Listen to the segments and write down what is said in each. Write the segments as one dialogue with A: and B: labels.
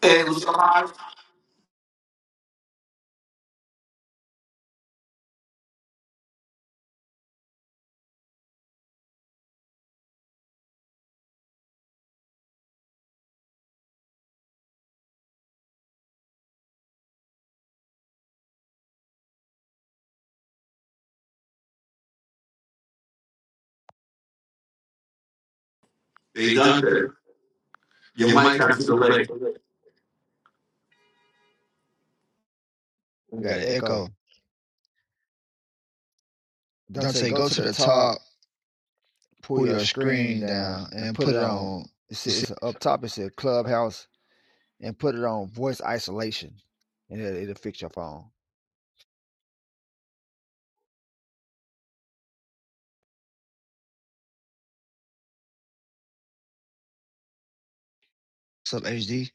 A: Hey, what's up, Haas? Hey, Dante. Your mic has to delay.
B: We
C: We
B: got
C: got
B: an
C: an
B: echo.
C: echo.
B: Dante,
C: Dante,
B: go
C: go
B: to
C: to
B: the
C: the
B: top,
C: top,
B: pull
C: pull
B: your
C: your
B: screen
C: screen
B: down,
C: down,
B: and
C: and
B: put
C: put
B: it
C: it
B: on.
C: on
B: It's, it's up top. It says Clubhouse, and put it on voice isolation, and it'll, it'll fix your phone.
C: sub HD.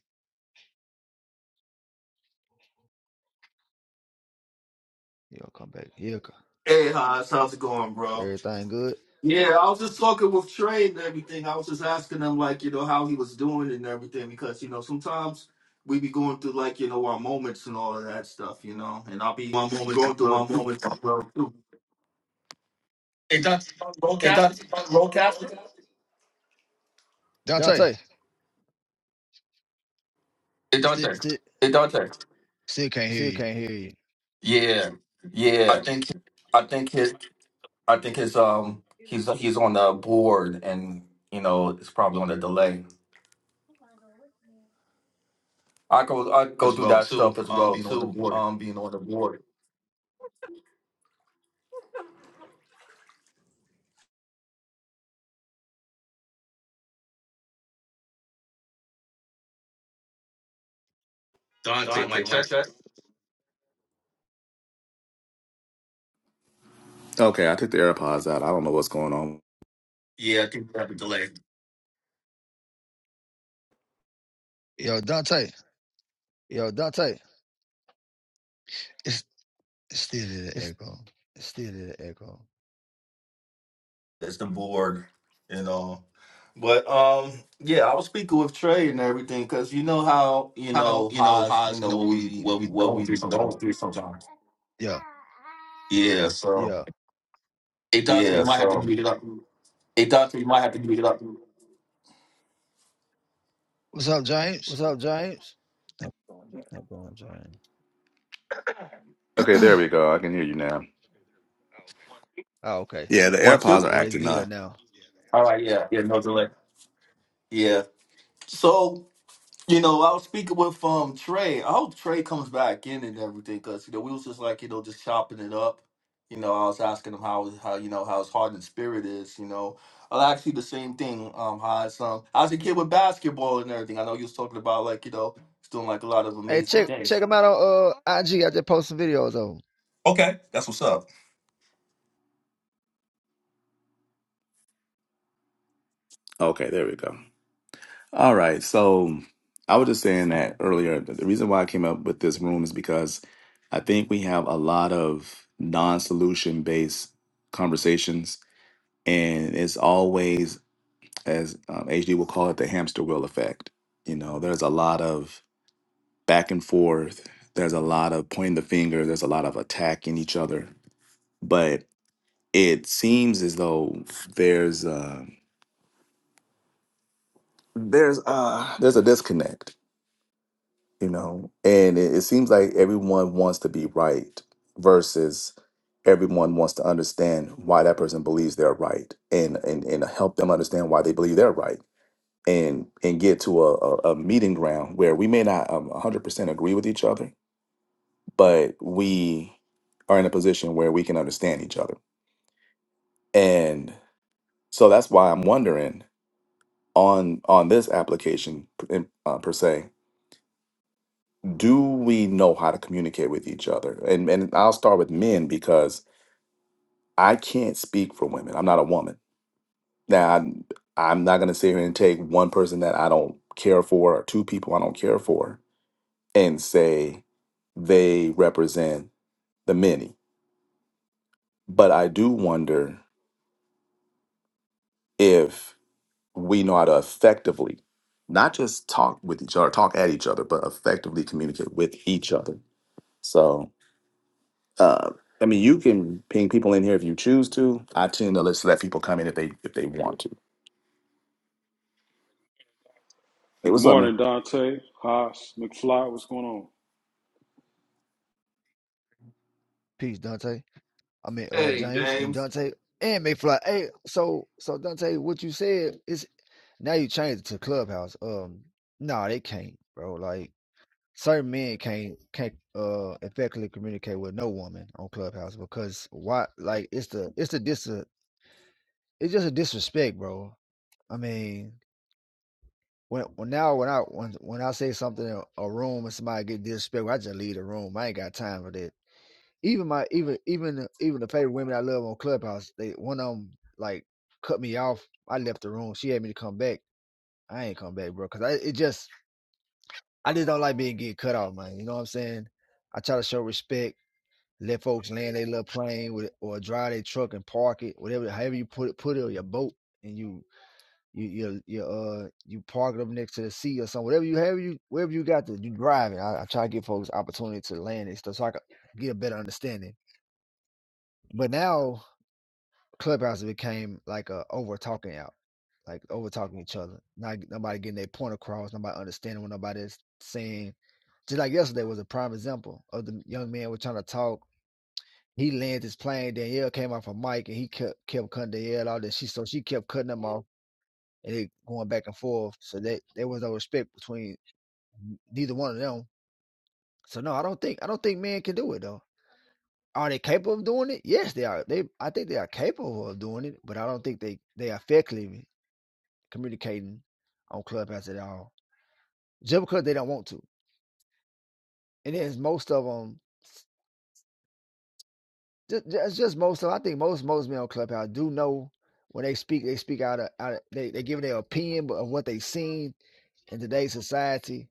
B: You'll come back. Yeah,
A: Hey, Haas, how's it going, bro?
B: everything good.
A: Yeah, I was just talking with Trey and everything. I was just asking him, like, you know, how he was doing and everything, because, you know, sometimes we be going through, like, you know, our moments and all of that stuff, you know, and I'll be going through my moments as well, too. Hey, Dante, Rollcast?
C: Dante,
B: Dante, still
A: Hey, Dante.
C: still can't hear
B: still
C: you.
B: can't hear you.
A: Yeah, I think his, I think his, um, he's, he's on the board and, you know, it's probably on the delay. I go I go through that stuff as well too. Um, being on the board, Dante, my check.
C: Yo, Dante,
B: Yo, Dante,
C: it's, it's still an
B: it's,
C: echo.
B: it's still an echo.
A: That's the board, you know. But um, yeah, I was speaking with Trey and everything because you know how you know how's you know what we what we going through sometimes.
C: Yo,
B: Yeah.
A: Yeah, so hey Dante, you might have to give it up.
C: what's up, James?
B: What's up, James? Not going, James.
C: Okay,
B: oh,
C: there we go. I can hear you now.
B: okay.
C: Yeah, the
A: One
C: AirPods
A: two.
C: are
B: Yeah, it's
C: acting
B: good
C: up.
B: now.
A: All right, yeah, yeah, no delay. Yeah. So You know, I was speaking with um Trey. I hope Trey comes back in and everything because you know we was just like you know just chopping it up. You know, I was asking him how how you know how his heart and spirit is. You know, I asked you the same thing. Um, how it's um how's your kid with basketball and everything? I know you was talking about like you know he's doing like a lot of
B: Hey,
A: amazing
B: check check
A: things.
B: him out on uh IG. I just posted some videos of him.
A: Okay, that's what's up.
C: Okay, there we go. All right, so I was just saying that earlier. that The reason why I came up with this room is because I think we have a lot of non-solution based conversations, and it's always as um, HD will call it, the hamster wheel effect. You know, there's a lot of back and forth. There's a lot of pointing the finger. There's a lot of attacking each other. But it seems as though there's uh, there's uh, there's a disconnect. You know, and it, it seems like everyone wants to be right versus everyone wants to understand why that person believes they're right and and and help them understand why they believe they're right and and get to a, a, a meeting ground where we may not um, 100% agree with each other but we are in a position where we can understand each other and so that's why i'm wondering on on this application in, uh, per se do we know how to communicate with each other and and i'll start with men because i can't speak for women i'm not a woman now I, am I'm not going to sit here and take one person that i don't care for or two people i don't care for and say they represent the many. But I do wonder if we know how to effectively not just talk with each other, talk at each other, but effectively communicate with each other. So, uh, I mean, you can ping people in here if you choose to. I tend to just let people come in if they if they to. Hey,
D: Hey, good
C: what's up, man?
D: morning, Dante, Haas, McFly. What's going on?
B: Peace, Dante. I mean, uh,
A: Hey
B: James and
A: James.
B: Dante and McFly. Hey, so so Dante, what you said is now you changed it to Clubhouse. Um, no, nah, they can't, bro. Like certain men can't can't uh effectively communicate with no woman on Clubhouse because why? Like it's the it's the dis it's just a disrespect, bro. I mean. When, when now when I when, when I say something in a room and somebody get disrespectful, I just leave the room. I ain't got time for that. Even my even even even the favorite women I love on Clubhouse, they one of them like cut me off. I left the room. She had me to come back. I ain't come back, bro, because I it just I just don't like being getting cut off, man. You know what I'm saying? I try to show respect, let folks land their little plane with or drive their truck and park it, whatever, however you put it, put it on your boat and you you you you uh you park it up next to the sea or something, whatever you have you wherever you got to you drive it. I, I try to give folks opportunity to land and stuff so I can get a better understanding. But now Clubhouse became like a over talking out, like over talking each other. Not nobody getting their point across, nobody understanding what nobody is saying. Just like yesterday was a prime example of the young man was trying to talk. He landed his plane. Danielle came off a mic and he kept kept cutting Danielle out. That she so she kept cutting him off and it going back and forth. So that there was no respect between neither one of them. So no, I don't think I don't think men can do it though. Are they capable of doing it? Yes, they are. They I think they are capable of doing it, but I don't think they they are effectively communicating on Clubhouse at all, just because they don't want to. And then most of them, it's just most of. I think most most men on Clubhouse do know when they speak, they speak out of, out of they they give their opinion of what they have seen in today's society.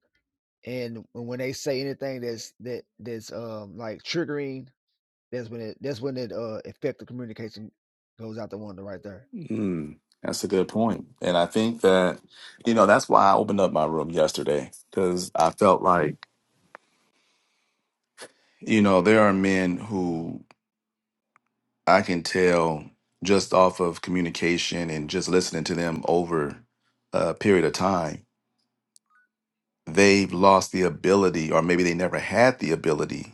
B: And when they say anything that's that that's um like triggering, that's when it that's when it uh effective communication goes out the window right there.
C: Mm, that's a good point, and I think that you know that's why I opened up my room yesterday because I felt like you know there are men who I can tell just off of communication and just listening to them over a period of time, they've lost the ability, or maybe they never had the ability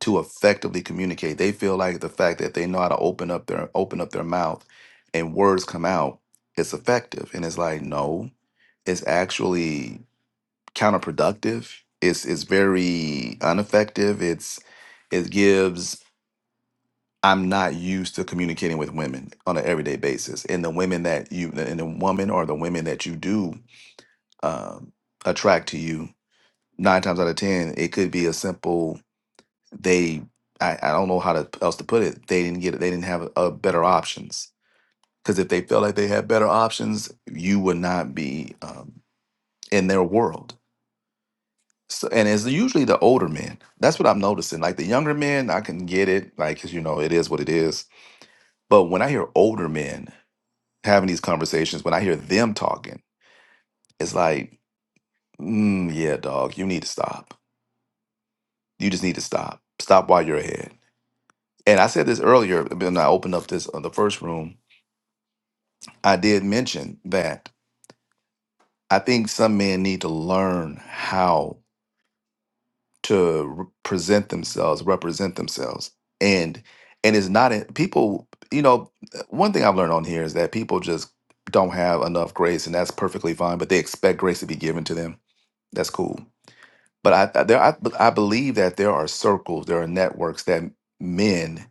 C: to effectively communicate. They feel like the fact that they know how to open up their open up their mouth and words come out, it's effective. And it's like, no, it's actually counterproductive. It's it's very ineffective. It's it gives I'm not used to communicating with women on an everyday basis. And the women that you, and the woman or the women that you do um, attract to you, nine times out of 10, it could be a simple, they, I, I don't know how to, else to put it. They didn't get it. They didn't have uh better options. Because if they felt like they had better options, you would not be um, in their world. So, and it's usually the older men. That's what I'm noticing. Like the younger men, I can get it, like, 'cause, you know, it is what it is. But when I hear older men, having these conversations, when I hear them talking, it's like, mm, yeah, dog, you need to stop. You just need to stop. Stop while you're ahead. And I said this earlier when I opened up this uh, the first room. I did mention that I think some men need to learn how to re- present themselves, represent themselves, and and it's not in, people. You know, one thing I've learned on here is that people just don't have enough grace, and that's perfectly fine. But they expect grace to be given to them. That's cool But I I- there I, I believe that there are circles, there are networks that men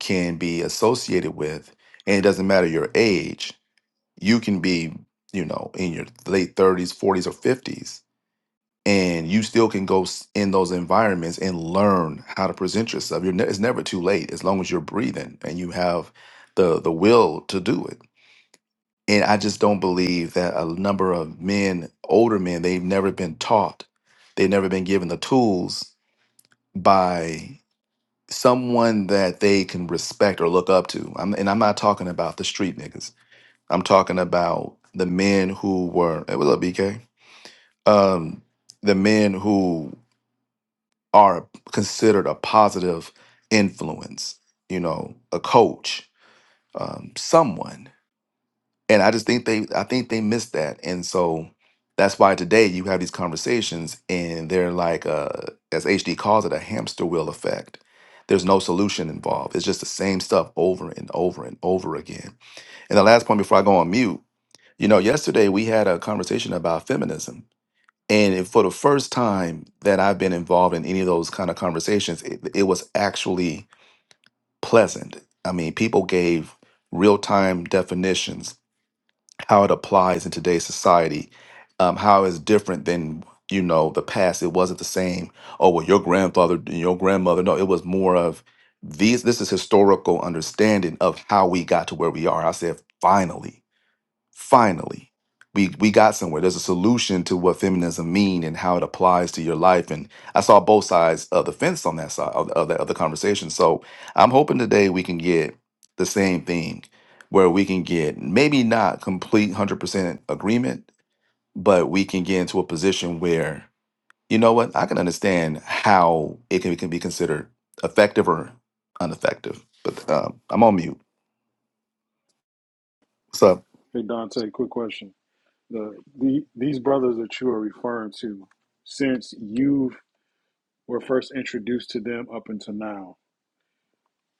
C: can be associated with, and it doesn't matter your age. You can be, you know, in your late 30s, 40s, or 50s, and you still can go s- in those environments and learn how to present yourself. You're ne- it's never too late as long as you're breathing and you have the the will to do it. And I just don't believe that a number of men, older men, they've never been taught, they've never been given the tools by someone that they can respect or look up to. I'm, and I'm not talking about the street niggas. I'm talking about the men who were. Hey, what's up, BK? Um, the men who are considered a positive influence. You know, a coach, um, someone. and I just think they I think they missed that, and so that's why today you have these conversations, and they're like, uh, as HD calls it, a hamster wheel effect. There's no solution involved. It's just the same stuff over and over and over again. And the last point before I go on mute, you know, yesterday we had a conversation about feminism. And it- for the first time that I've been involved in any of those kind of conversations, it, it was actually pleasant. I mean, people gave real time definitions how it applies in today's society, um, how it's different than you know the past. It wasn't the same. Oh well, your grandfather, your grandmother. No, it was more of these. This is historical understanding of how we got to where we are. I said finally finally we we got somewhere there's a solution to what feminism mean and how it applies to your life and i saw both sides of the fence on that side of the, of the, of the conversation so i'm hoping today we can get the same thing where we can get maybe not complete 100% agreement but we can get into a position where you know what i can understand how it can, it can be considered effective or ineffective but um, i'm on mute what's up
D: Hey, Dante, quick question. The, the These brothers that you are referring to, since you were first introduced to them up until now,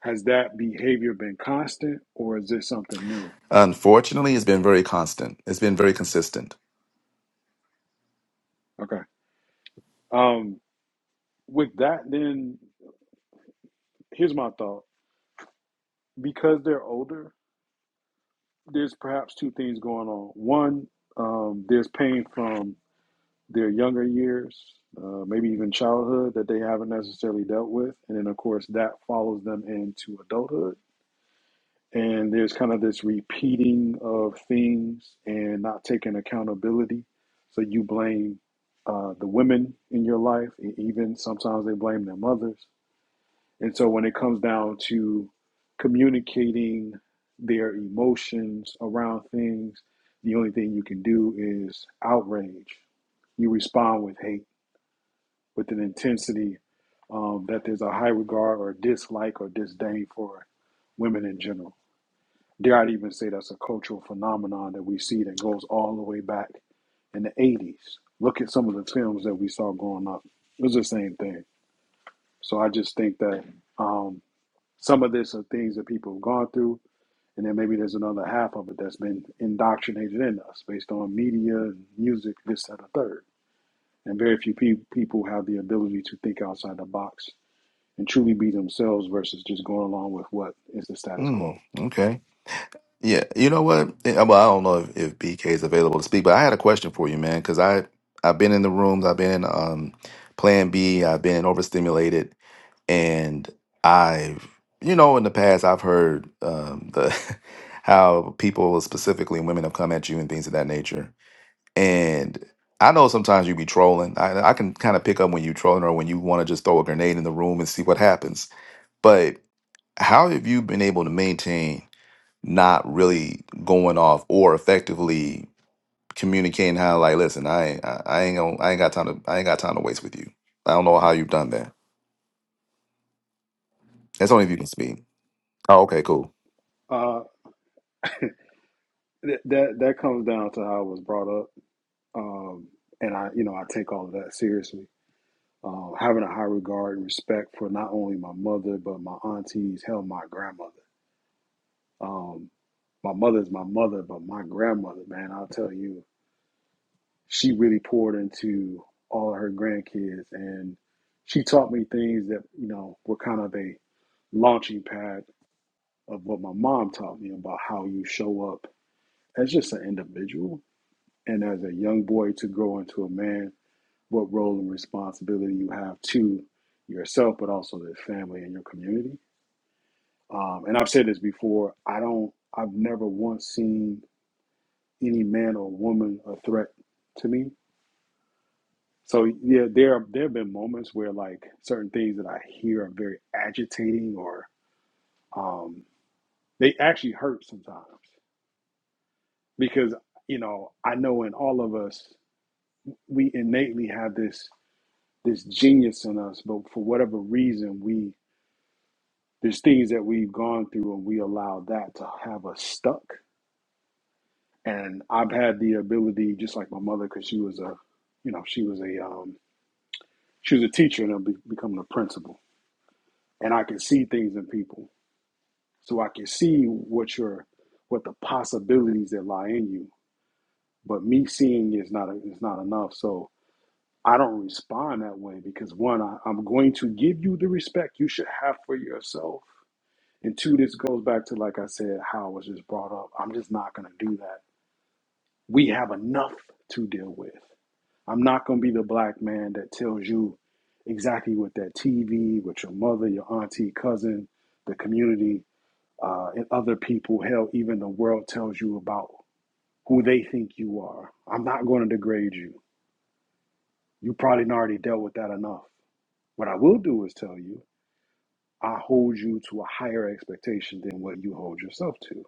D: has that behavior been constant or is this something new?
C: Unfortunately, it's been very constant. It's been very consistent.
D: Okay. Um, with that, then here's my thought. Because they're older, there's perhaps two things going on. One, um, there's pain from their younger years, uh, maybe even childhood that they haven't necessarily dealt with. And then, of course, that follows them into adulthood. And there's kind of this repeating of things and not taking accountability. So you blame uh, the women in your life, and even sometimes they blame their mothers. And so when it comes down to communicating their emotions around things, the only thing you can do is outrage. You respond with hate with an intensity um, that there's a high regard or dislike or disdain for women in general. Dare I even say that's a cultural phenomenon that we see that goes all the way back in the 80s. Look at some of the films that we saw growing up. It was the same thing. So I just think that um, some of this are things that people have gone through, and then maybe there's another half of it that's been indoctrinated in us based on media, music, this, that, and the third. And very few pe- people have the ability to think outside the box and truly be themselves versus just going along with what is the status
C: Mm,
D: quo.
C: okay. Yeah. You know what? Yeah, Well, I don't know if, if BK is available to speak, but I had a question for you, man, because I I've been in the rooms, I've been in um Plan B, I've been overstimulated, and I've you know in the past I've heard um the how people specifically women have come at you and things of that nature, and I know sometimes you be trolling. I I can kind of pick up when you trolling or when you want to just throw a grenade in the room and see what happens, but how have you been able to maintain? not really going off or effectively communicating how like listen i ain't i, I ain't gonna i ain't got time to i ain't got time to waste with you i don't know how you've done that that's only if you can speak oh okay cool
D: Uh, th- that that comes down to how I was brought up, um, and I you know I take all of that seriously. Um, having a high regard and respect for not only my mother but my aunties, hell, my grandmother. Um, my mother's my mother, but my grandmother, man, I'll tell you, she really poured into all of her grandkids, and she taught me things that you know were kind of a launching pad of what my mom taught me about how you show up as just an individual and as a young boy to grow into a man, what role and responsibility you have to yourself, but also the family and your community. Um, and I've said this before, I don't, I've never once seen any man or woman a threat to me. So yeah, there there have been moments where like certain things that I hear are very agitating or um, they actually hurt sometimes. because you know I know in all of us we innately have this this genius in us, but for whatever reason we there's things that we've gone through and we allow that to have us stuck. And I've had the ability, just like my mother, because she was a you know she was a um, she was a teacher and be, becoming a principal, and I can see things in people, so I can see what your what the possibilities that lie in you. But me seeing is not a, is not enough. So I don't respond that way because one, I, I'm going to give you the respect you should have for yourself. And two, this goes back to, like I said, how I was just brought up. I'm just not going to do that. We have enough to deal with. I'm not going to be the black man that tells you exactly what that TV, with your mother, your auntie, cousin, the community, uh, and other people, hell, even the world tells you about who they think you are. I'm not going to degrade you. You probably already dealt with that enough. What I will do is tell you, I hold you to a higher expectation than what you hold yourself to.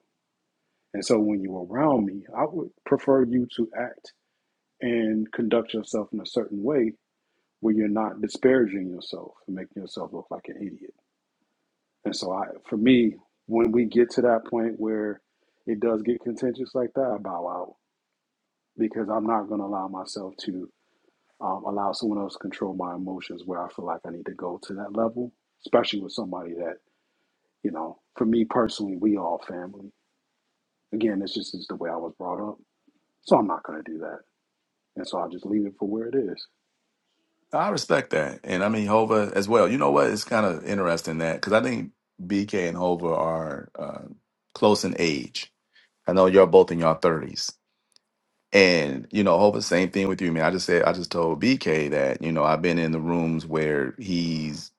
D: And so when you're around me, I would prefer you to act and conduct yourself in a certain way where you're not disparaging yourself and making yourself look like an idiot. And so I for me, when we get to that point where it does get contentious like that, I bow out because I'm not gonna allow myself to um, allow someone else to control my emotions where I feel like I need to go to that level, especially with somebody that You know, for me personally, we all family. Again, this just is the way I was brought up. So I'm not going to do that. And so I'll just leave it for where it is.
C: i respect that and i mean hova as well you know what it's kind of interesting that because i think bk and hova are uh, close in age I know you're both in your thirties. And you know, hope the same thing with you, man. I just said I just told BK that, you know, I've been in the rooms where he's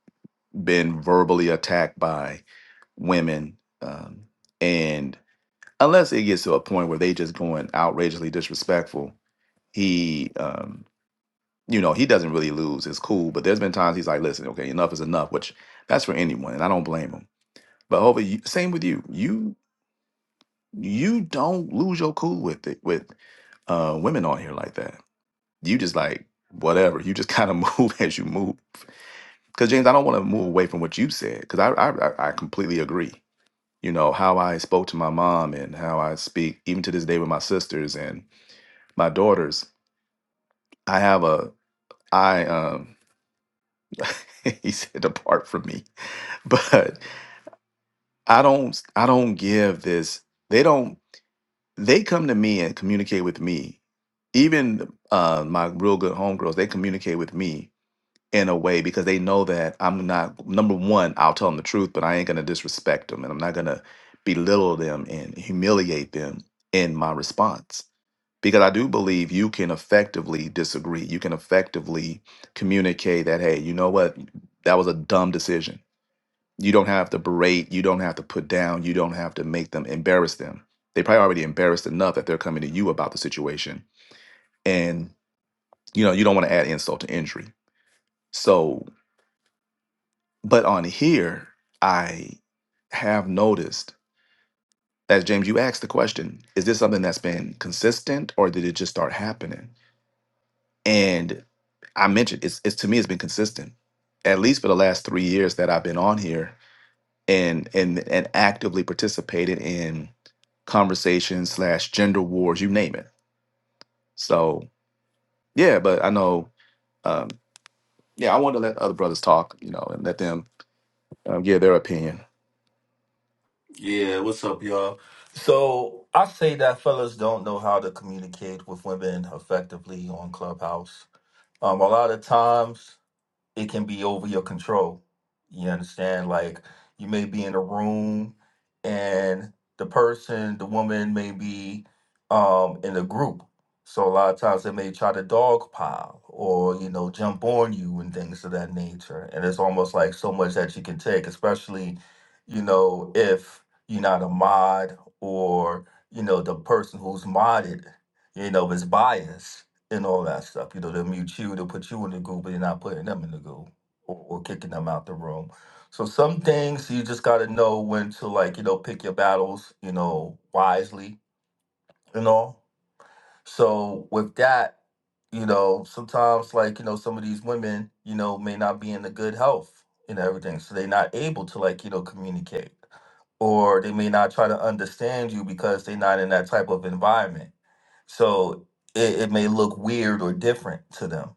C: been verbally attacked by women. Um, and unless it gets to a point where they just going outrageously disrespectful, he um, you know, he doesn't really lose. his cool. But there's been times he's like, listen, okay, enough is enough, which that's for anyone, and I don't blame him. But hopefully you, same with you. You You don't lose your cool with it with uh, women on here like that. You just like whatever. You just kind of move as you move. Because James, I don't want to move away from what you said. Because I, I I I completely agree. You know how I spoke to my mom and how I speak even to this day with my sisters and my daughters. I have a I um he said apart from me, but I don't I don't give this. They don't. they come to me and communicate with me. Even uh, my real good homegirls, they communicate with me in a way because they know that I'm not number one. I'll tell them the truth, but I ain't gonna disrespect them, and I'm not gonna belittle them and humiliate them in my response. Because I do believe you can effectively disagree. You can effectively communicate that, hey, you know what, that was a dumb decision you don't have to berate. You don't have to put down. You don't have to make them embarrass them. They probably already embarrassed enough that they're coming to you about the situation. And, you know, you don't want to add insult to injury. So, but on here, I have noticed, as James, you asked the question, is this something that's been consistent or did it just start happening? And I mentioned it's, it's to me, it's been consistent, at least for the last three years that I've been on here and and and actively participated in conversations slash gender wars, you name it. So yeah, but I know. Um, yeah, I wanted to let other brothers talk, you know, and let them um, give their opinion.
A: Yeah, what's up, y'all? So I say that fellas don't know how to communicate with women effectively on Clubhouse. Um, a lot of times. it can be over your control. You understand? Like you may be in a room and the person, the woman may be um in a group. So a lot of times they may try to dogpile or, you know, jump on you and things of that nature. And it's almost like so much that you can take, especially, you know, if you're not a mod or, you know, the person who's modded, you know, is biased and all that stuff. You know, they'll mute you, they'll put you in the group, but they're not putting them in the group or, or kicking them out the room. So some things you just gotta know when to like, you know, pick your battles, you know, wisely and all. So with that, you know, sometimes like, you know, some of these women, you know, may not be in the good health and everything. So they're not able to like, you know, communicate. Or they may not try to understand you because they're not in that type of environment. So it, it may look weird or different to them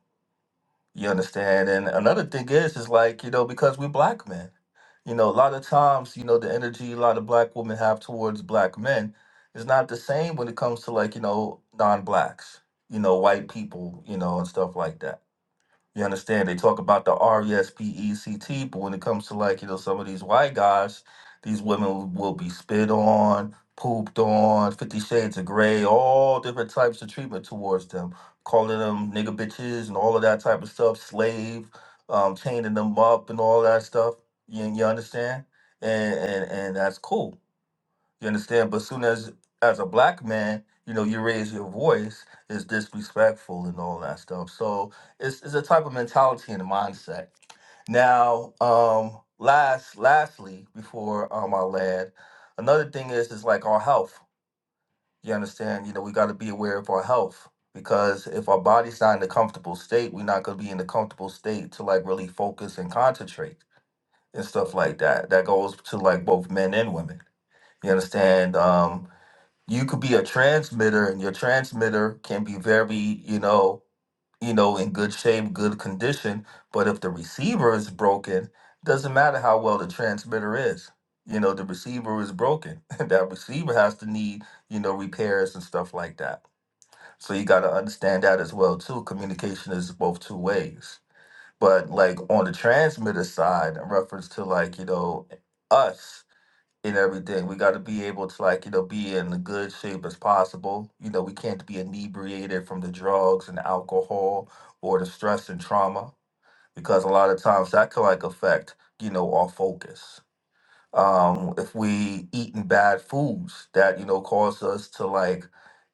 A: you understand? And another thing is, is like, you know, because we're black men, you know, a lot of times, you know, the energy a lot of black women have towards black men is not the same when it comes to like, you know, non blacks, you know, white people, you know, and stuff like that. You understand? They talk about the R E S P E C T, but when it comes to like, you know, some of these white guys, these women will be spit on, pooped on, 50 shades of gray, all different types of treatment towards them, calling them nigga bitches and all of that type of stuff, slave, um, chaining them up and all that stuff. You, you understand? And, and and that's cool you understand? But soon as as a black man, you know, you raise your voice is disrespectful and all that stuff. So it's it's a type of mentality and mindset. Now, um, last lastly, before um I land, another thing is is like our health. You understand? You know, we gotta be aware of our health because if our body's not in a comfortable state, we're not gonna be in a comfortable state to like really focus and concentrate and stuff like that. That goes to like both men and women. You understand? Um, you could be a transmitter and your transmitter can be very you know you know in good shape good condition but if the receiver is broken doesn't matter how well the transmitter is you know the receiver is broken that receiver has to need you know repairs and stuff like that so you got to understand that as well too communication is both two ways but like on the transmitter side in reference to like you know us and everything. We got to be able to like you know be in the good shape as possible. You know, we can't be inebriated from the drugs and alcohol or the stress and trauma because a lot of times that can like affect you know our focus. Um, if we eating bad foods that you know cause us to like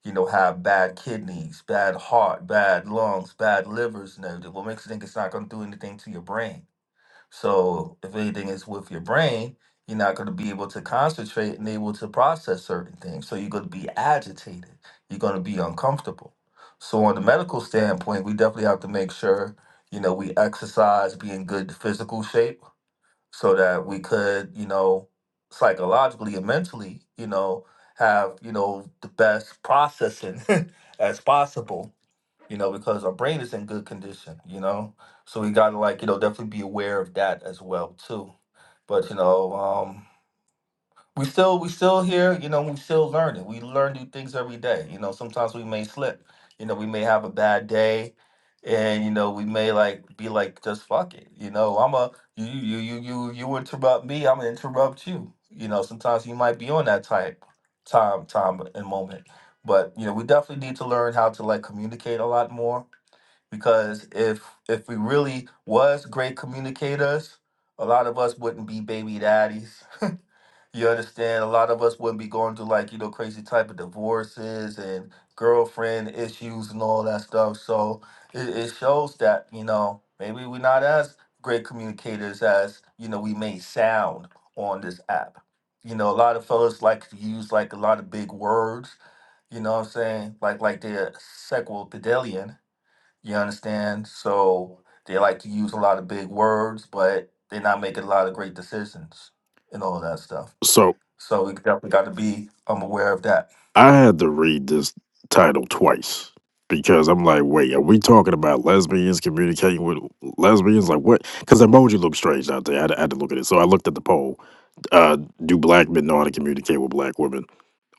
A: you know have bad kidneys, bad heart, bad lungs, bad livers, and everything. What makes you think it's not going to do anything to your brain? So if anything is with your brain, you're not going to be able to concentrate and able to process certain things. So you're going to be agitated. You're going to be uncomfortable. So on the medical standpoint, we definitely have to make sure, you know, we exercise, be in good physical shape so that we could, you know, psychologically and mentally, you know, have, you know, the best processing as possible you know, because our brain is in good condition, you know. So we gotta like, you know, definitely be aware of that as well too. But you know, um, we still we still here, you know, we still learning. We learn new things every day. You know, sometimes we may slip. You know, we may have a bad day, and you know, we may like be like, just fuck it. You know, I'm a you you you you you interrupt me, I'm gonna interrupt you. You know, sometimes you might be on that type time time and moment. But you know, we definitely need to learn how to like communicate a lot more because if if we really was great communicators a lot of us wouldn't be baby daddies you understand a lot of us wouldn't be going through like you know crazy type of divorces and girlfriend issues and all that stuff so it, it shows that you know maybe we're not as great communicators as you know we may sound on this app you know a lot of fellas like to use like a lot of big words you know what i'm saying like like they're sexual pedalian you understand? So they like to use a lot of big words, but they're not making a lot of great decisions and all of that stuff.
E: So
A: So we definitely got to be um, aware of that.
E: I had to read this title twice because I'm like, wait, are we talking about lesbians communicating with lesbians? Like what? Because emoji looked strange out there. I had, I had to look at it. So I looked at the poll. Uh, do black men know how to communicate with black women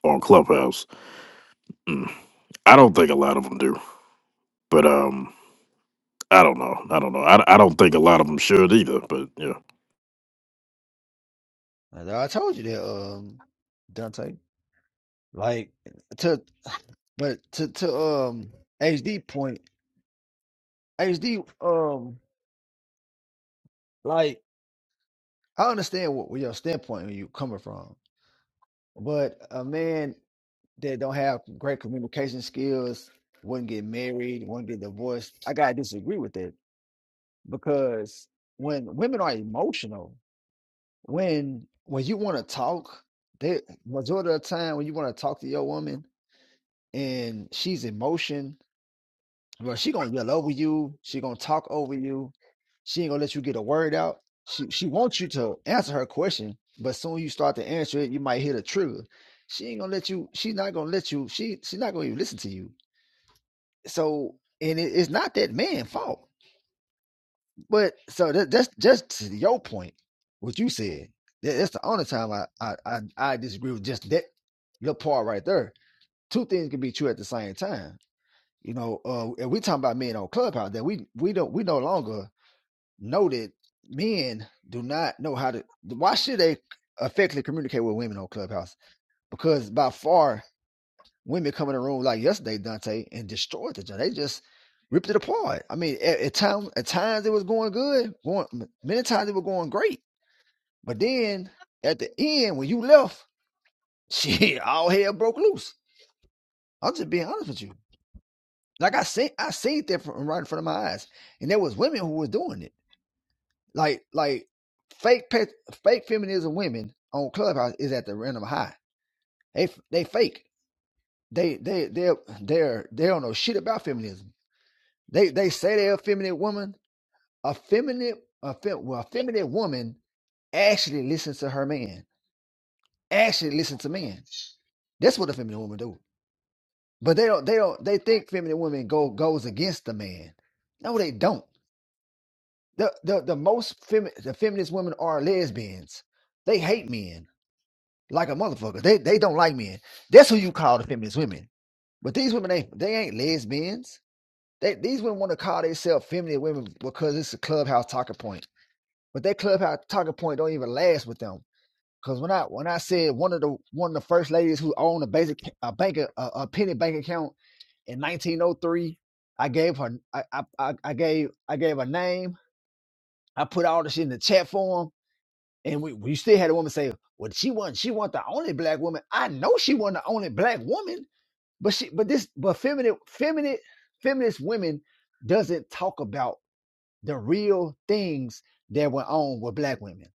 E: on Clubhouse? Mm. I don't think a lot of them do, but um, I don't know. I don't know. I, I don't think a lot of them should either. But yeah,
B: And I told you that um Dante like to but to to um HD point. HD, um, like I understand what, what your standpoint where you coming from, but a man that don't have great communication skills wouldn't get married, wouldn't get divorced. I gotta disagree with that because when women are emotional, when when you want to talk, they majority of the time when you want to talk to your woman and she's emotion Bro, she gonna yell over you. She gonna talk over you. She ain't gonna let you get a word out. She she wants you to answer her question, but soon you start to answer it, you might hit a trigger. She ain't gonna let you. She's not gonna let you. She she's not gonna even listen to you. So and it, it's not that man' fault. But so that, that's just to your point, what you said. That, that's the only time I, I I I disagree with just that your part right there. Two things can be true at the same time. You know, uh, and we talking about men on Clubhouse that we we don't we no longer know that men do not know how to. Why should they effectively communicate with women on Clubhouse? Because by far, women come in the room like yesterday, Dante, and destroyed the joint. They just ripped it apart. I mean, at, at times at times it was going good, going many times it was going great, but then at the end when you left, shit, all hell broke loose. I'm just being honest with you. Like I seen, I seen that from right in front of my eyes, and there was women who was doing it. Like, like fake, pe- fake feminism women on Clubhouse is at the random high. They, they fake. They, they, they, they're, they don't know shit about feminism. They, they say they're a feminine woman. A feminine, a fem, well, a feminine woman actually listens to her man. Actually listens to men. That's what a feminine woman do. But they don't, they don't, they think feminine women go goes against the man. No, they don't. The the the most femi- the feminist women are lesbians. They hate men like a motherfucker. They they don't like men. That's who you call the feminist women. But these women ain't they ain't lesbians. They these women want to call themselves feminine women because it's a clubhouse talking point. But that clubhouse talking point don't even last with them. Cause when I when I said one of the one of the first ladies who owned a basic a bank a, a penny bank account in 1903, I gave her I I I I gave I gave her name. I put all the shit in the chat form And we, we still had a woman say, "Well, she wasn't. She wasn't the only black woman. I know she wasn't the only black woman, but she, but this, but feminine, feminine, feminist women doesn't talk about the real things that went on with black women.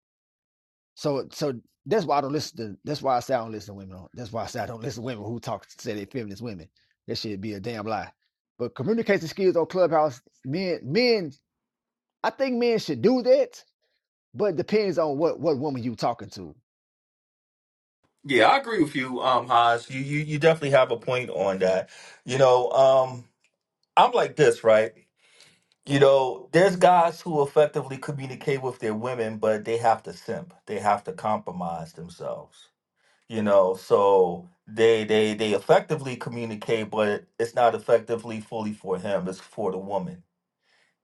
B: So, so that's why I don't listen to. That's why I say I don't listen to women. that's why I say I don't listen to women who talk say they feminist women. That should be a damn lie. But communication skills on Clubhouse, men, men, I think men should do that. But it depends on what what woman you talking to
A: Yeah, I agree with you, um, Haas. You, you you definitely have a point on that. You know, um, I'm like this, right? You know, there's guys who effectively communicate with their women, but they have to simp. They have to compromise themselves. you know so they they they effectively communicate but it's not effectively fully for him it's for the woman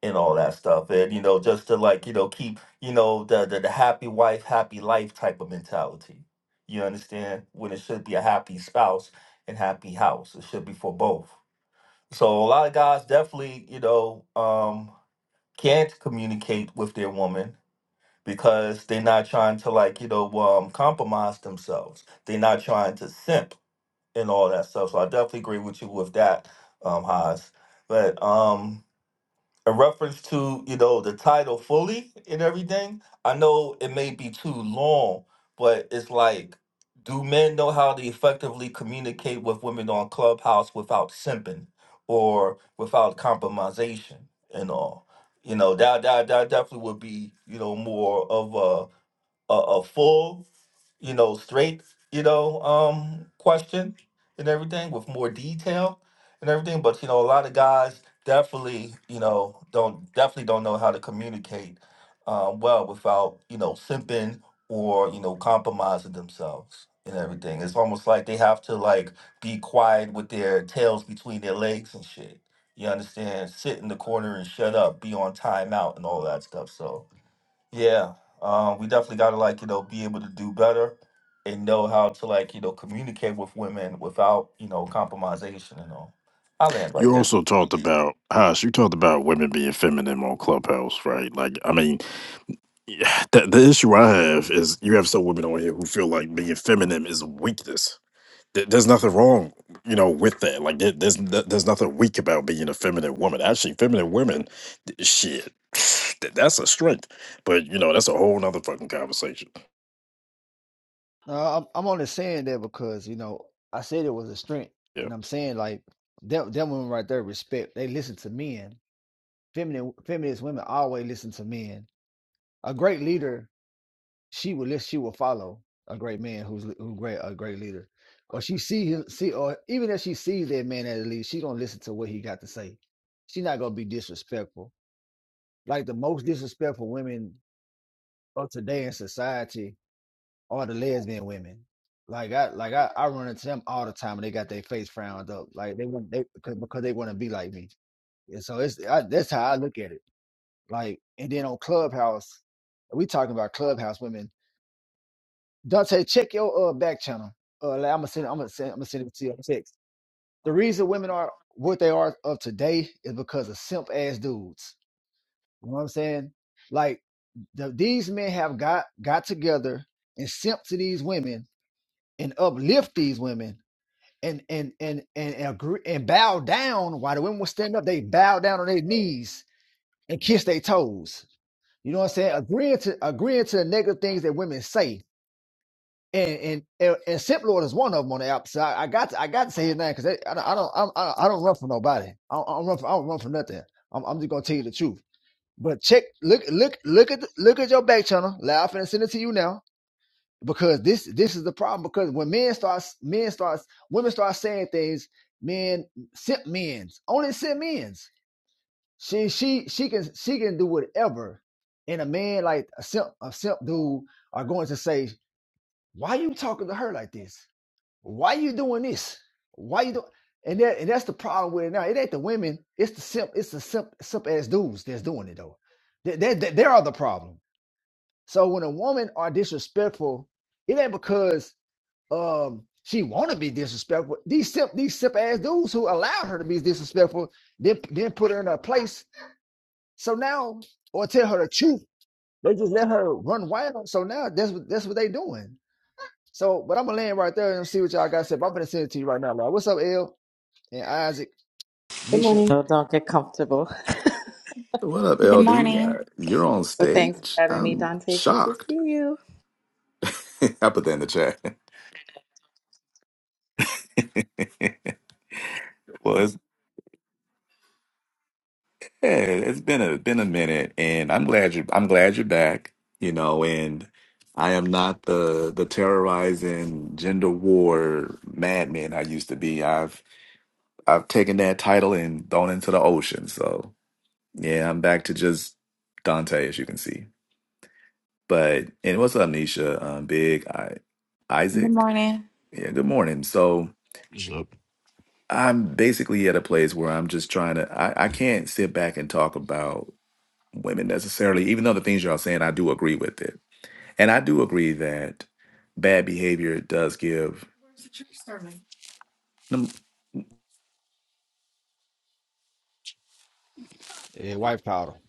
A: and all that stuff and you know just to like you know keep you know the the, the happy wife happy life type of mentality you understand when it should be a happy spouse and happy house it should be for both so a lot of guys definitely you know um can't communicate with their woman because they're not trying to like you know um compromise themselves they're not trying to simp and all that stuff. So I definitely agree with you with that, um, Haas. But um, in reference to you know the title fully and everything, I know it may be too long, but it's like, do men know how to effectively communicate with women on Clubhouse without simping or without compromisation and all? You know that that that definitely would be you know more of a a, a full you know, straight, you know, um, question and everything with more detail and everything. But you know, a lot of guys definitely, you know, don't definitely don't know how to communicate um, well without you know simping or you know compromising themselves and everything. It's almost like they have to like be quiet with their tails between their legs and shit. You understand? Sit in the corner and shut up. Be on timeout and all that stuff. So. Yeah, um, we definitely got to like you know be able to do better and know how to like you know communicate with women without you know compromisation and all. I land right
E: you
A: there.
E: also talked about Haas. You talked about women being feminine on Clubhouse, right? Like, I mean, Yeah, the, the issue I have is you have some women on here who feel like being feminine is a weakness. There- There's nothing wrong, you know, with that. Like there, there's no- there's nothing weak about being a feminine woman. Actually, feminine women, th- shit, th- that's a strength. But you know, that's a whole nother fucking conversation.
B: No, I'm, I'm only saying that because you know I said it was a strength,
E: Yeah.
B: and I'm saying like that that women right there respect. They listen to men. Feminine feminist women always listen to men. A great leader, she will listen. She will follow a great man who's li- who great a great leader, or she see him see or even if she sees that man as a leader, she gonna listen to what he got to say. She's not gonna be disrespectful. Like the most disrespectful women of today in society all the lesbian women. Like I like I, I run into them all the time, and they got their face frowned up. Like they want they because, because they want to be like me, and so it's I, that's how I look at it. Like and then on Clubhouse, we talking about Clubhouse women. Dante, check your uh back channel. Uh, like, I'm gonna send I'm gonna send I'm gonna send it to you on text. The reason women are what they are of today is because of simp ass dudes. You know what I'm saying? Like the, these men have got got together and simp to these women and uplift these women and and and and and, agree and bow down while the women would stand up they bow down on their knees and kiss their toes you know what i'm saying agreeing to agreeing to the negative things that women say and and and, and Simp Lord is one of them on the app. So I, I got to, I got to say his name because I don't I don't i don't I, I don't run for nobody. I don't, I don't run for I don't run for nothing. I'm, I'm just gonna tell you the truth. But check look look look at the, look at your back channel. Laughing and send it to you now because this this is the problem because when men starts men starts women start saying things men simp men's only simp men's she she she can she can do whatever and a man like a simp a simp dude are going to say why you talking to her like this why you doing this why you doing and that and that's the problem with it now it ain't the women it's the simp it's the simp simp ass dudes that's doing it though they, they, they they are the problem so when a woman are disrespectful it ain't because um she want to be disrespectful. These simp, these simp ass dudes who allowed her to be disrespectful, then then put her in her place. So now, or tell her the truth, they just let her run wild. So now that's what that's what they doing. So, but I'm gonna land right there and see what y'all got to say. But I'm gonna send it to you right now, Lord. What's up, L and Isaac,
F: Good
B: Nisha,
F: morning. No, don't get comfortable.
C: What up,
G: Good
C: LD? Uh,
G: morning.
C: You're on
F: But thanks for
C: stage.
F: having me,
C: I'm
F: Dante. Good to
C: shocked.
F: see you.
C: I put that in the chat. well, it's, yeah, it's been a been a minute, and I'm glad you. I'm glad you're back. You know, and I am not the the terrorizing gender war madman I used to be. I've I've taken that title and thrown into the ocean. So yeah, I'm back to just Dante, as you can see. But and what's up, Nisha? Um, Big I,
G: Good
C: Isaac.
G: morning.
C: Yeah, good morning. So
H: So
C: I'm basically at a place where I'm just trying to. I, I can't sit back and talk about women necessarily, even though the things y'all saying, I do agree with it, and I do agree that bad behavior does give. num-
B: and White Powder.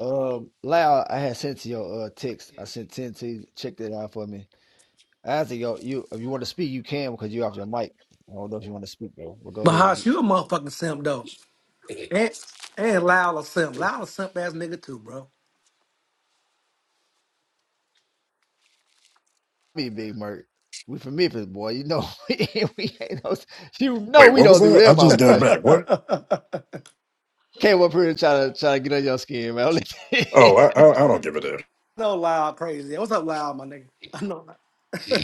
B: Um, Lyle, I had sent to your uh text. I sent ten to you. Check that out for me. Isaac, yo, you if you want to speak, you can because you off your mic. I don't know if you want to speak though, but go
I: Mahash,
B: ahead.
I: you a motherfucking simp though. And and Lyle a simp. Lyle a simp ass nigga too, bro.
B: me and Big Merc. We from Memphis, boy. You know we ain't, we ain't no, you know
E: Wait,
B: we
E: what was
B: don't do
E: that? I
B: that, my
E: just got
B: boy.
E: back. What?
B: Came up here and try to try to get on your skin, man.
E: Oh, I I, I don't give a damn.
I: No Lyle crazy. What's up, Lyle, my nigga? I know.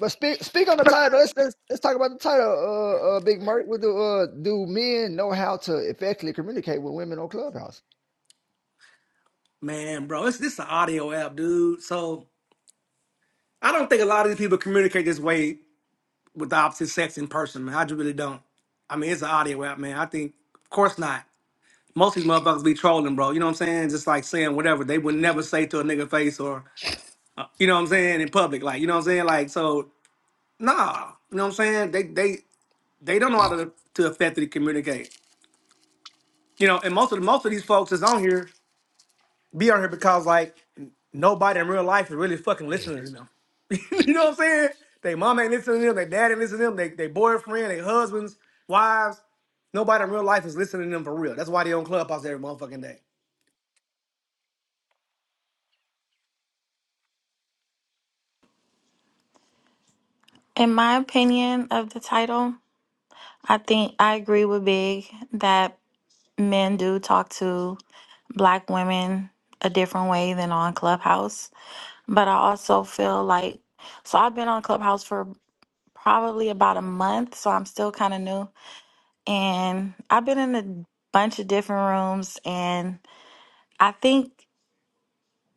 B: but speak speak on the title. Let's let's, let's talk about the title. Uh, uh Big Merc. What do uh do men know how to effectively communicate with women on Clubhouse?
I: Man, bro, it's this an audio app, dude. So I don't think a lot of these people communicate this way with the opposite sex in person, man. I just really don't. I mean, it's an audio app, man. I think, of course not. Most of these motherfuckers be trolling, bro. You know what I'm saying? Just like saying whatever they would never say to a nigga face or, uh, you know what I'm saying, in public. Like, you know what I'm saying? Like, so Nah, you know what I'm saying? They they they don't know how to to effectively communicate. You know, and most of the most of these folks that's on here be on here because like nobody in real life is really fucking listening to them. you know what I'm saying? They mom ain't listening to them, their dad ain't listening to them, they they boyfriend, they husbands, wives. Nobody in real life is listening to them for real. That's why they on Clubhouse every motherfucking day.
G: In my opinion of the title, I think I agree with Big that men do talk to black women a different way than on Clubhouse. But I also feel like, so I've been on Clubhouse for probably about a month, so I'm still kind of new. And I've been in a bunch of different rooms, and I think,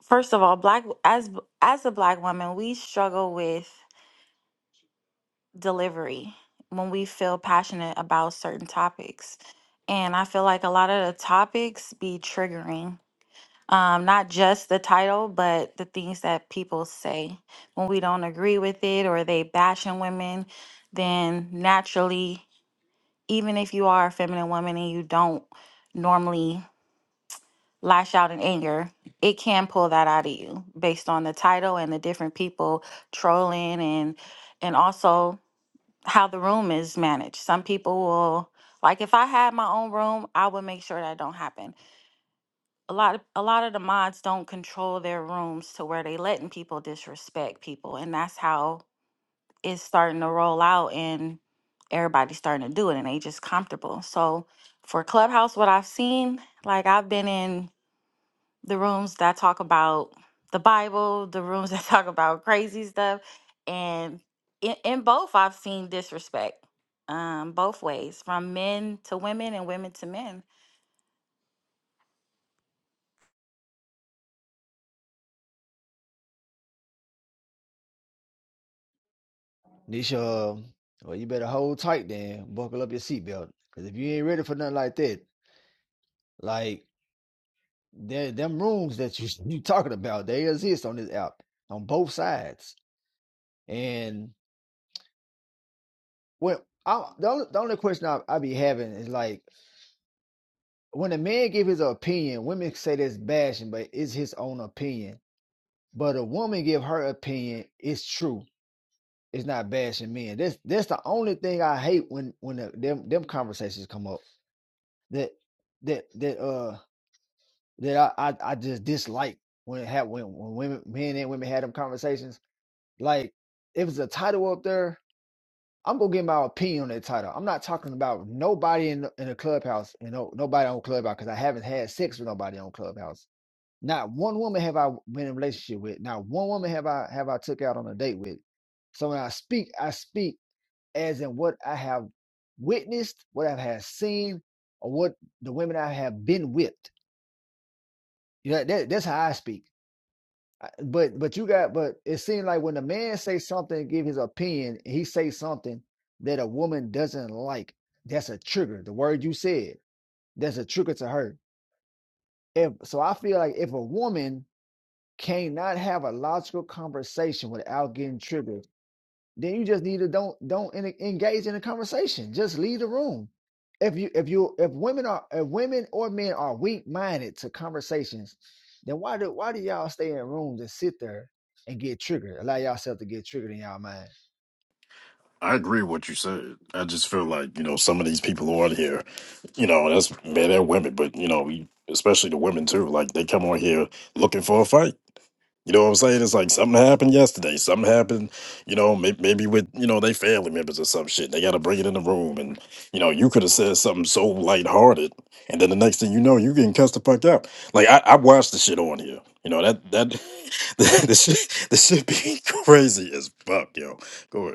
G: first of all, black as as a black woman, we struggle with delivery when we feel passionate about certain topics. And I feel like a lot of the topics be triggering, um, not just the title, but the things that people say. When we don't agree with it or they bashing women, then naturally, even if you are a feminine woman and you don't normally lash out in anger, it can pull that out of you based on the title and the different people trolling and and also how the room is managed. Some people will like if I had my own room, I would make sure that don't happen. A lot of a lot of the mods don't control their rooms to where they letting people disrespect people and that's how it's starting to roll out and everybody's starting to do it and they just comfortable. So for Clubhouse what I've seen, like I've been in the rooms that talk about the Bible, the rooms that talk about crazy stuff, and in, in both, I've seen disrespect um, both ways, from men to women and women to men.
B: Nisha, um, well, you better hold tight then. Buckle up your seatbelt, because if you ain't ready for nothing like that, like there them rooms that you you talking about, they exist on this app on both sides. and. when I, the only, the only question I, I be having is like when a man give his opinion, women say that's bashing, but it's his own opinion. But a woman give her opinion, it's true. It's not bashing men. That's that's the only thing I hate when when the, them them conversations come up. That that that uh that I I, I just dislike when it had when when women men and women had them conversations. Like if it's a title up there. I'm gonna get my opinion on that title. I'm not talking about nobody in the, in the clubhouse, you know, nobody on clubhouse because I haven't had sex with nobody on clubhouse. Not one woman have I been in a relationship with. Not one woman have I have I took out on a date with. So when I speak, I speak as in what I have witnessed, what I have seen, or what the women I have been with. Yeah, that, that's how I speak. I- but but you got but it seems like when a man say something give his opinion he say something that a woman doesn't like that's a trigger the word you said that's a trigger to her if so i feel like if a woman cannot have a logical conversation without getting triggered then you just need to don't don't engage in a conversation. Just leave the room. If you if you if women are if women or men are weak minded to conversations, then why do why do y'all stay in rooms and sit there and get triggered? Allow yourself to get triggered in y'all mind.
E: I agree with what you said. I just feel like you know some of these people on here. you know, that's men and women, but you know, we, especially the women too. Like they come on here looking for a fight. You know what I'm saying? It's like something happened yesterday. Something happened, you know, maybe, maybe with, you know, they family members or some shit. They got to bring it in the room. And, you know, you could have said something so lighthearted. And then the next thing you know, you getting cussed the fuck out. Like, I, I watched the shit on here. You know, that, that, the, the shit, the shit be crazy as fuck, yo. Go ahead.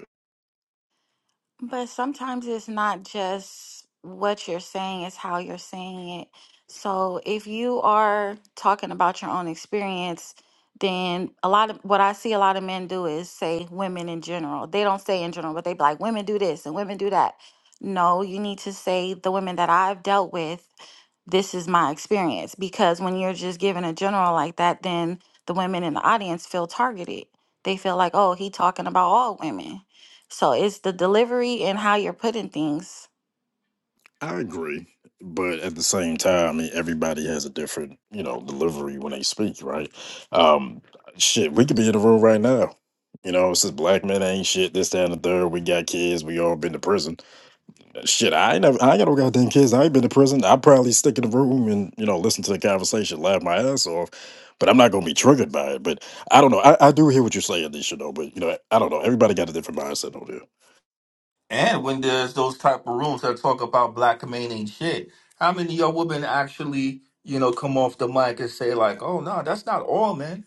G: But sometimes it's not just what you're saying, it's how you're saying it. So if you are talking about your own experience, then a lot of what I see a lot of men do is say women in general. They don't say in general, but they be like, women do this and women do that. No, you need to say the women that I've dealt with, this is my experience. Because when you're just giving a general like that, then the women in the audience feel targeted. They feel like, oh, he talking about all women so it's the delivery and how you're putting things.
E: I agree, but at the same time, I mean, everybody has a different, you know, delivery when they speak, right? Um, shit, we could be in a room right now. You know, it's just black men ain't shit. This, that, and the third. We got kids. We all been to prison. Shit, I ain't never. I ain't got no goddamn kids. I ain't been to prison. I probably stick in the room and you know listen to the conversation, laugh my ass off. But I'm not gonna be triggered by it. But I don't know. I, I do hear what you're saying, Nisha, though. But you know, I don't know. Everybody got a different mindset over there.
A: And when there's those type of rooms that talk about black men ain't shit, how many of your women actually, you know, come off the mic and say like, "Oh no, that's not all men."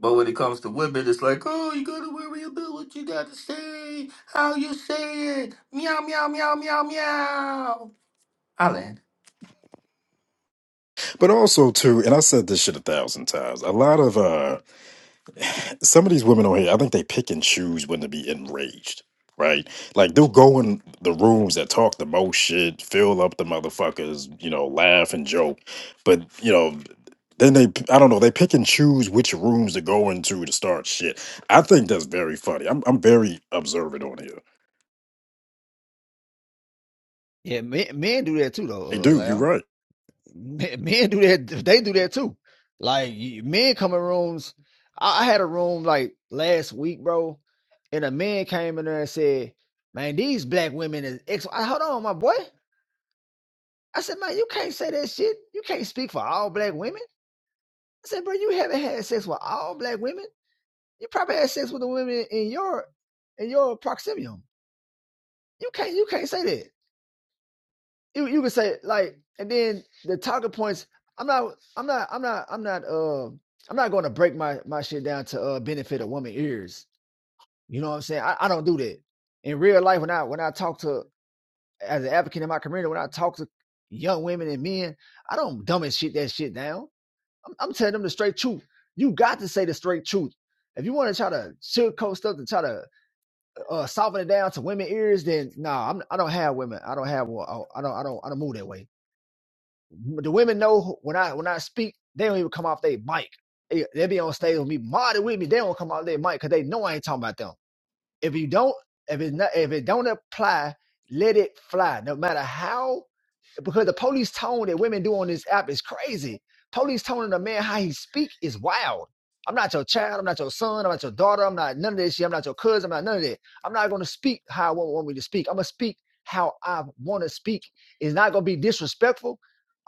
A: But when it comes to women, it's like, "Oh, you gotta worry about what you gotta say, how you say it, meow meow meow meow meow." I land.
E: But also too, and I said this shit a thousand times. A lot of uh some of these women on here, I think they pick and choose when to be enraged, right? Like they'll go in the rooms that talk the most shit, fill up the motherfuckers, you know, laugh and joke, but you know. Then they, I don't know, they pick and choose which rooms to go into to start shit. I think that's very funny. I'm, I'm very observant on here.
B: Yeah, men, men do that too, though.
E: They
B: Uh,
E: do, you're
B: Lal.
E: right.
B: Men, men do that. They do that too. Like men come in rooms. I, I had a room like last week, bro, and a man came in there and said, "Man, these black women is ex. I, hold on, my boy. I said, man, you can't say that shit. You can't speak for all black women. I said, bro, you haven't had sex with all black women. You probably had sex with the women in your in your proximium. You can't you can't say that. You you can say like, and then the talking points. I'm not I'm not I'm not I'm not uh I'm not going to break my my shit down to uh benefit a woman ears. You know what I'm saying? I, I don't do that in real life. When I when I talk to as an advocate in my community, when I talk to young women and men, I don't dumb and shit that shit down. I'm, I'm telling them the straight truth. You got to say the straight truth. If you want to try to sugarcoat stuff and try to uh, soften it down to women ears, then no, nah, I'm I don't have women. I don't have one. I don't I don't I don't move that way. The women know when I when I speak, they don't even come off their mic. They, they be on stage with me, modded with me. They don't come off their mic because they know I ain't talking about them. If you don't, if it not, if it don't apply, let it fly. No matter how because the police tone that women do on this app is crazy. Police toning a man how he speak is wild. I'm not your child. I'm not your son. I'm not your daughter. I'm not none of this shit. I'm not your cousin. I'm not none of that. I'm not going to speak how I want, want me to speak. I'm going to speak how I want to speak. It's not going to be disrespectful.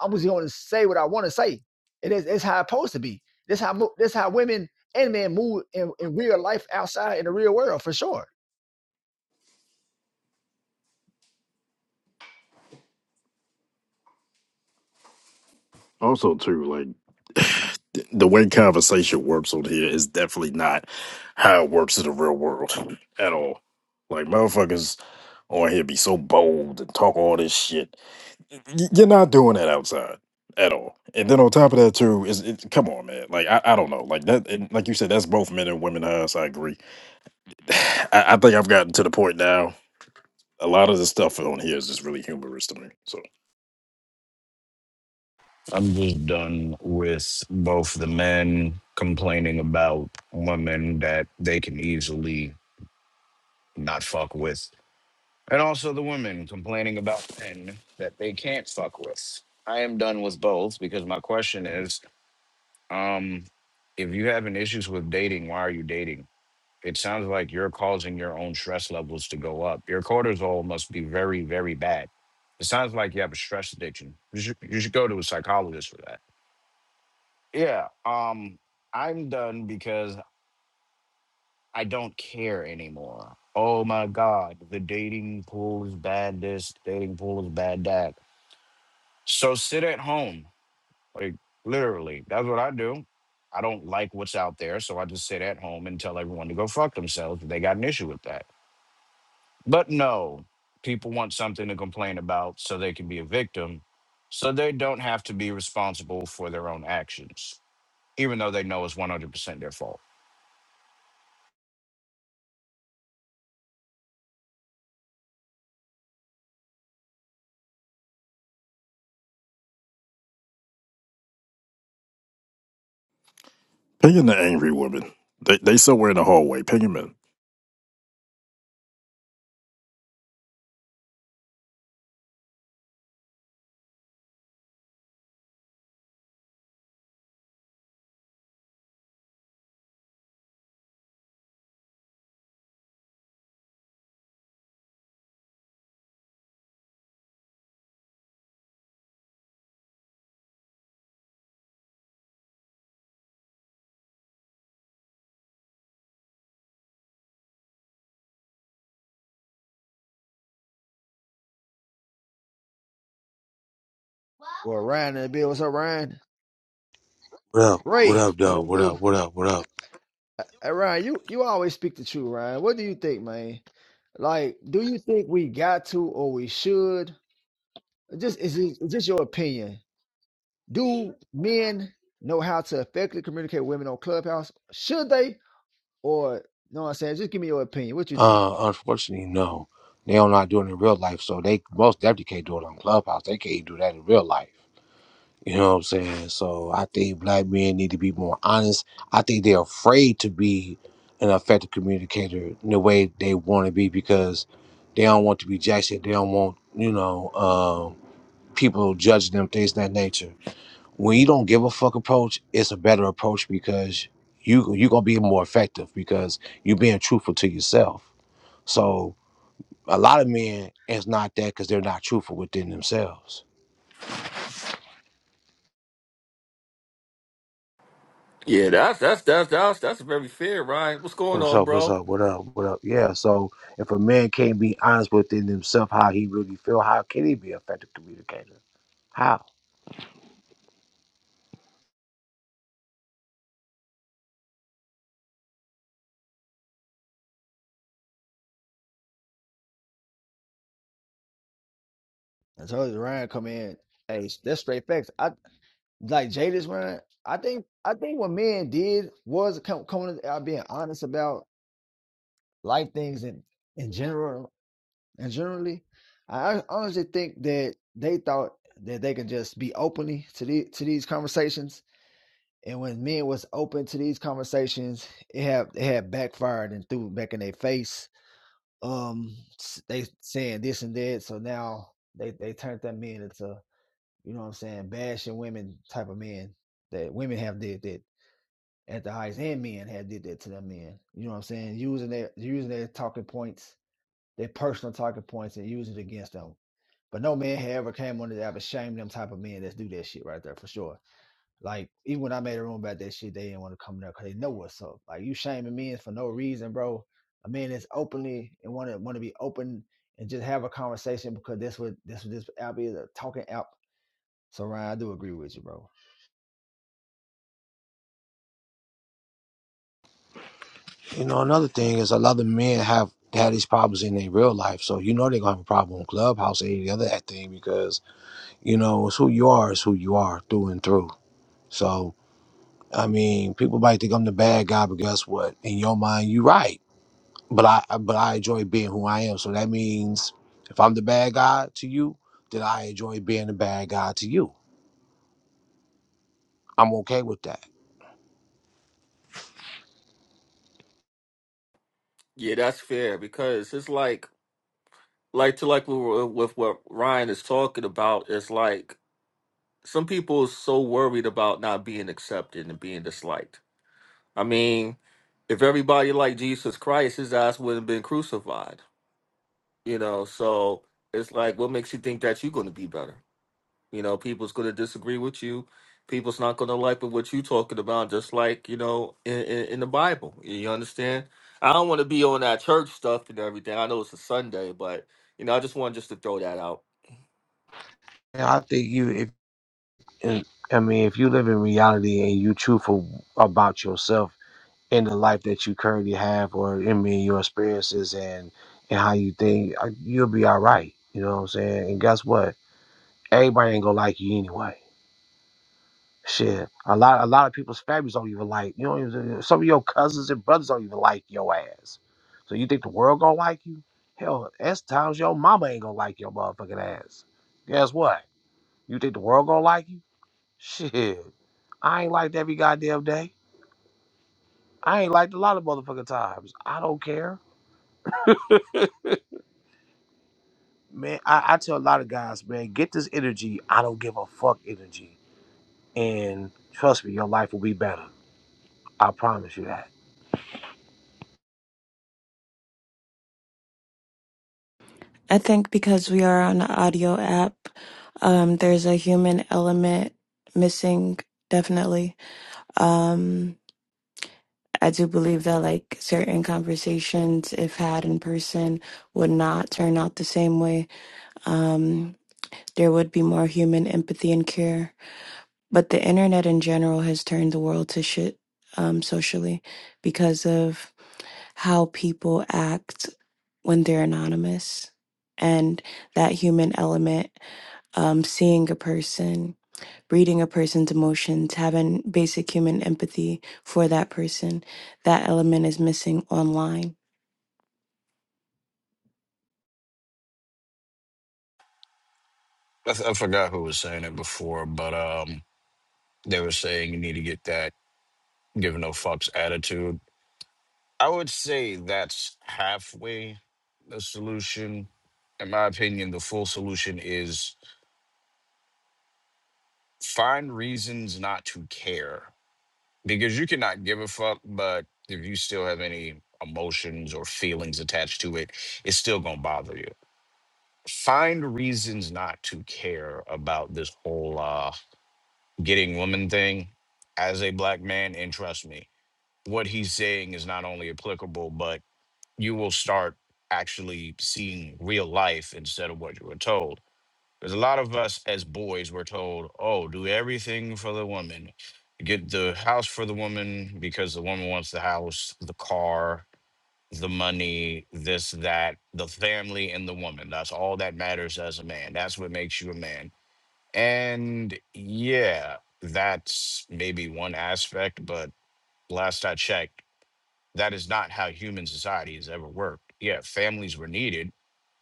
B: I'm just going to say what I want to say. It is it's how it's supposed to be. This how mo- this how women and men move in, in real life outside in the real world for sure.
E: Also, too, like the the way conversation works on here is definitely not how it works in the real world at all. Like motherfuckers Or he'll be so bold and talk all this shit. Y- You're not doing that outside at all. And then on top of that too, is it, come on, man. Like I, I don't know. Like that and like you said, that's both men and women eyes. I agree. I, I think I've gotten to the point now. A lot of the stuff on here is just really humorous to me. So
H: I'm just done with both the men complaining about women that they can easily not fuck with, and also the women complaining about men that they can't fuck with. I am done with both because my question is um, if you having issues with dating, why are you dating? It sounds like you're causing your own stress levels to go up. Your cortisol must be very, very bad. It sounds like you have a stress addiction. You should, you should go to a psychologist for that Yeah, um, I'm done because I don't care anymore. Oh my God, the dating pool is bad. This dating pool is bad. That. So sit at home, like literally. That's what I do. I don't like what's out there, so I just sit at home and tell everyone to go fuck themselves if they got an issue with that. But no, people want something to complain about so they can be a victim, so they don't have to be responsible for their own actions, even though they know it's 100% their fault.
E: pinging the angry woman. They they somewhere in the hallway. Ping 'em in.
B: Well, Ryan and Bill, what's up, Ryan?
J: What up? What
B: Ray,
J: up,
B: what
J: though?
B: it
J: What
B: do?
J: up? What up? What up?
B: Hey, Ryan, you, you always speak the truth, Ryan. What do you think, man? Like, do you think we got to or we should? Just is it it's just your opinion? Do men know how to effectively communicate with women on Clubhouse? Should they? Or you know what I'm saying? Just give me your opinion. What you think?
J: Uh, unfortunately, no. They don't not do it in real life, so they most definitely can't do it on Clubhouse. They can't do that in real life. You know what I'm saying? So I think black men need to be more honest. I think they're afraid to be an effective communicator in the way they want to be because they don't want to be jacked. They don't want you know um people judging them things of that nature. when you don't give a fuck approach, it's a better approach because you you're gonna be more effective because you're being truthful to yourself. So a lot of men it's not that because they're not truthful within themselves.
A: Yeah, that's that's that's that's that's very fair, Ryan. What's going
J: What's
A: on,
J: up? What's
A: bro?
J: up? What up? What up? Yeah. So if a man can't be honest within himself, how he really feel, how can he be an effective communicator? How?
B: I told you Ryan come in. Hey, that's straight facts. I like Jada's Ryan. I think I think what men did was come coming out being honest about life things and in in general. And generally, I honestly think that they thought that they can just be openly to the, to these conversations. And when men was open to these conversations, it had it had backfired and threw back in their face. Um, they saying this and that, so now they they turned that men into you know what I'm saying bashing women type of men that women have did that at the highest and men have did that to them men. You know what I'm saying? Using their using their talking points, their personal talking points, and using it against them but no man had ever came on the app and shamed them type of men that do that shit right there for sure. Like even when I made a room about that shit, they didn't want to come there because they know what's up. Like you shaming men for no reason, bro. A man that's openly and want to want to be open and just have a conversation because that's what that's what this app is a talking app. So Ryan, I do agree with you, bro.
J: You know, another thing is a lot of men have had these problems in their real life, so you know they're gonna have a problem in clubhouse or any other that thing because you know it's who you are is who you are through and through. So I mean, people might think I'm the bad guy, but guess what? In your mind, you're right. But I but I enjoy being who I am. So that means if I'm the bad guy to you, then I enjoy being the bad guy to you. I'm okay with that.
A: Yeah, that's fair because it's like like to like we were with what Ryan is talking about. It's like some people are so worried about not being accepted and being disliked. I mean, if everybody liked Jesus Christ, his ass wouldn't have been crucified. You know, so it's like, what makes you think that you're going to be better? You know, people's going to disagree with you. People's not going to like what you're talking about, just like, you know, in, in, in the Bible. You understand? I don't want to be on that church stuff and everything. I know it's a Sunday, but, you know, I just wanted just to throw that out.
J: And I think you if and- I mean if you live in reality and you truthful about yourself in the life that you currently have or in mean your experiences and and how you think, uh, you'll be all right. You know what I'm saying? And guess what? Everybody ain't gonna like you anyway. Shit, a lot a lot of people's families don't even like you. Don't even, some of your cousins and brothers don't even like your ass. So you think the world gonna like you? Hell, that's times your mama ain't gonna like your motherfucking ass. Guess what? You think the world gonna like you? Shit, I ain't liked every goddamn day. I ain't liked a lot of motherfucking times. I don't care, man. I, I tell a lot of guys, man, get this energy. I don't give a fuck energy, and trust me, your life will be better. I promise you that.
K: I think because we are on an audio app, um, there's a human element missing, definitely. Um, I do believe that like certain conversations, if had in person, would not turn out the same way. Um, there would be more human empathy and care. But the internet in general has turned the world to shit um, socially because of how people act when they're anonymous and that human element. um, seeing a person, reading a person's emotions, having basic human empathy for that person. That element is missing online.
H: I, th- I forgot who was saying it before, but um, they were saying you need to get that give no fucks attitude. I would say that's halfway the solution. In my opinion, the full solution is find reasons not to care because you cannot give a fuck, but if you still have any emotions or feelings attached to it, it's still gonna bother you. Find reasons not to care about this whole uh getting woman thing as a black man and trust me what he's saying is not only applicable but you will start actually seeing real life instead of what you were told because a lot of us as boys were told oh do everything for the woman get the house for the woman because the woman wants the house the car the money this that the family and the woman that's all that matters as a man that's what makes you a man and yeah, that's maybe one aspect, but last I checked, that is not how human society has ever worked. Yeah, families were needed,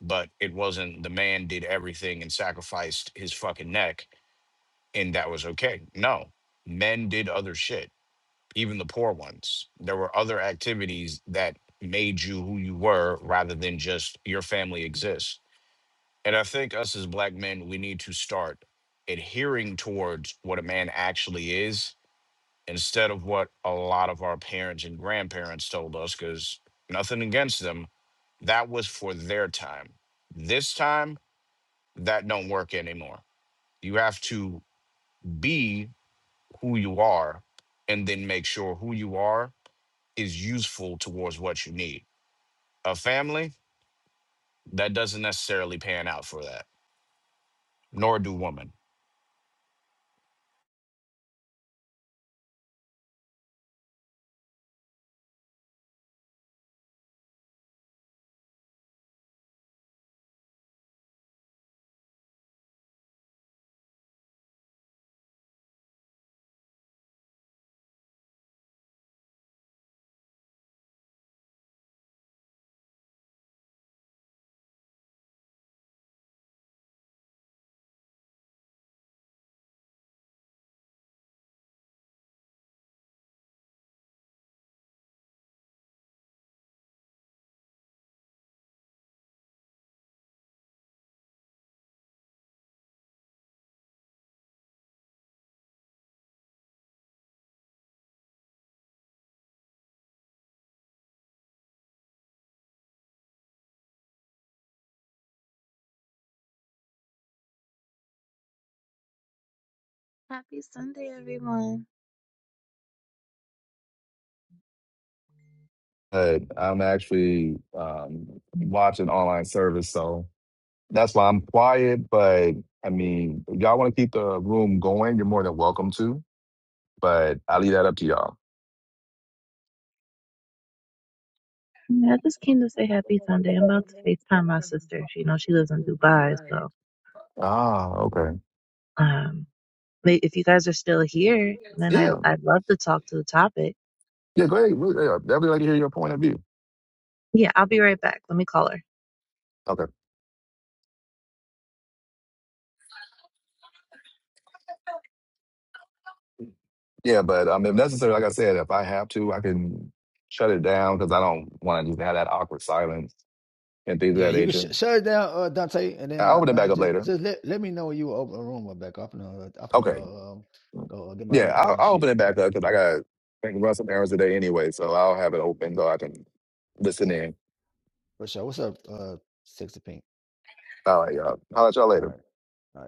H: but it wasn't the man did everything and sacrificed his fucking neck and that was okay. No, men did other shit, even the poor ones. There were other activities that made you who you were rather than just your family exists and I think us as black men, we need to start adhering towards what a man actually is instead of what a lot of our parents and grandparents told us, because nothing against them. That was for their time. This time, that don't work anymore. You have to be who you are and then make sure who you are is useful towards what you need. A family, that doesn't necessarily pan out for that, nor do women.
L: Happy Sunday, everyone.
C: But I'm actually um, watching online service, so That's why I'm quiet. But I mean, if y'all want to keep the room going, you're more than welcome to. But I leave that up to y'all.
L: Yeah, I just came to say happy Sunday. I'm about to FaceTime my sister. She you know she lives in Dubai, so
C: Ah, okay.
L: um but if you guys are still here, then I
C: Yeah,
L: I'd love to talk to the topic.
C: yeah. Go ahead. Really, yeah, i like to hear your point of view.
L: Yeah, I'll be right back. Let me call her.
C: Okay. Yeah, but um, if necessary, like I said, if I have to, I can shut it down because I don't want to just have that awkward silence and things of
B: Yeah,
C: that
B: you can sh-
C: nature.
B: shut it down, uh, Dante, and then
C: I'll
B: uh,
C: open it back
B: man,
C: up
B: just
C: later.
B: just let, let me know when you open a room up back. I'm gonna I'm gonna
C: Okay.
B: go um, go uh, get my
C: Yeah,
B: hair cut
C: I'll,
B: and
C: I'll
B: shit
C: open it back up because I got to run some errands today anyway, so I'll have it open so I can listen in.
B: for sure. What's up, uh, sixty pink?
C: All right, y'all. I'll let y'all
B: All
C: later.
B: right, all right.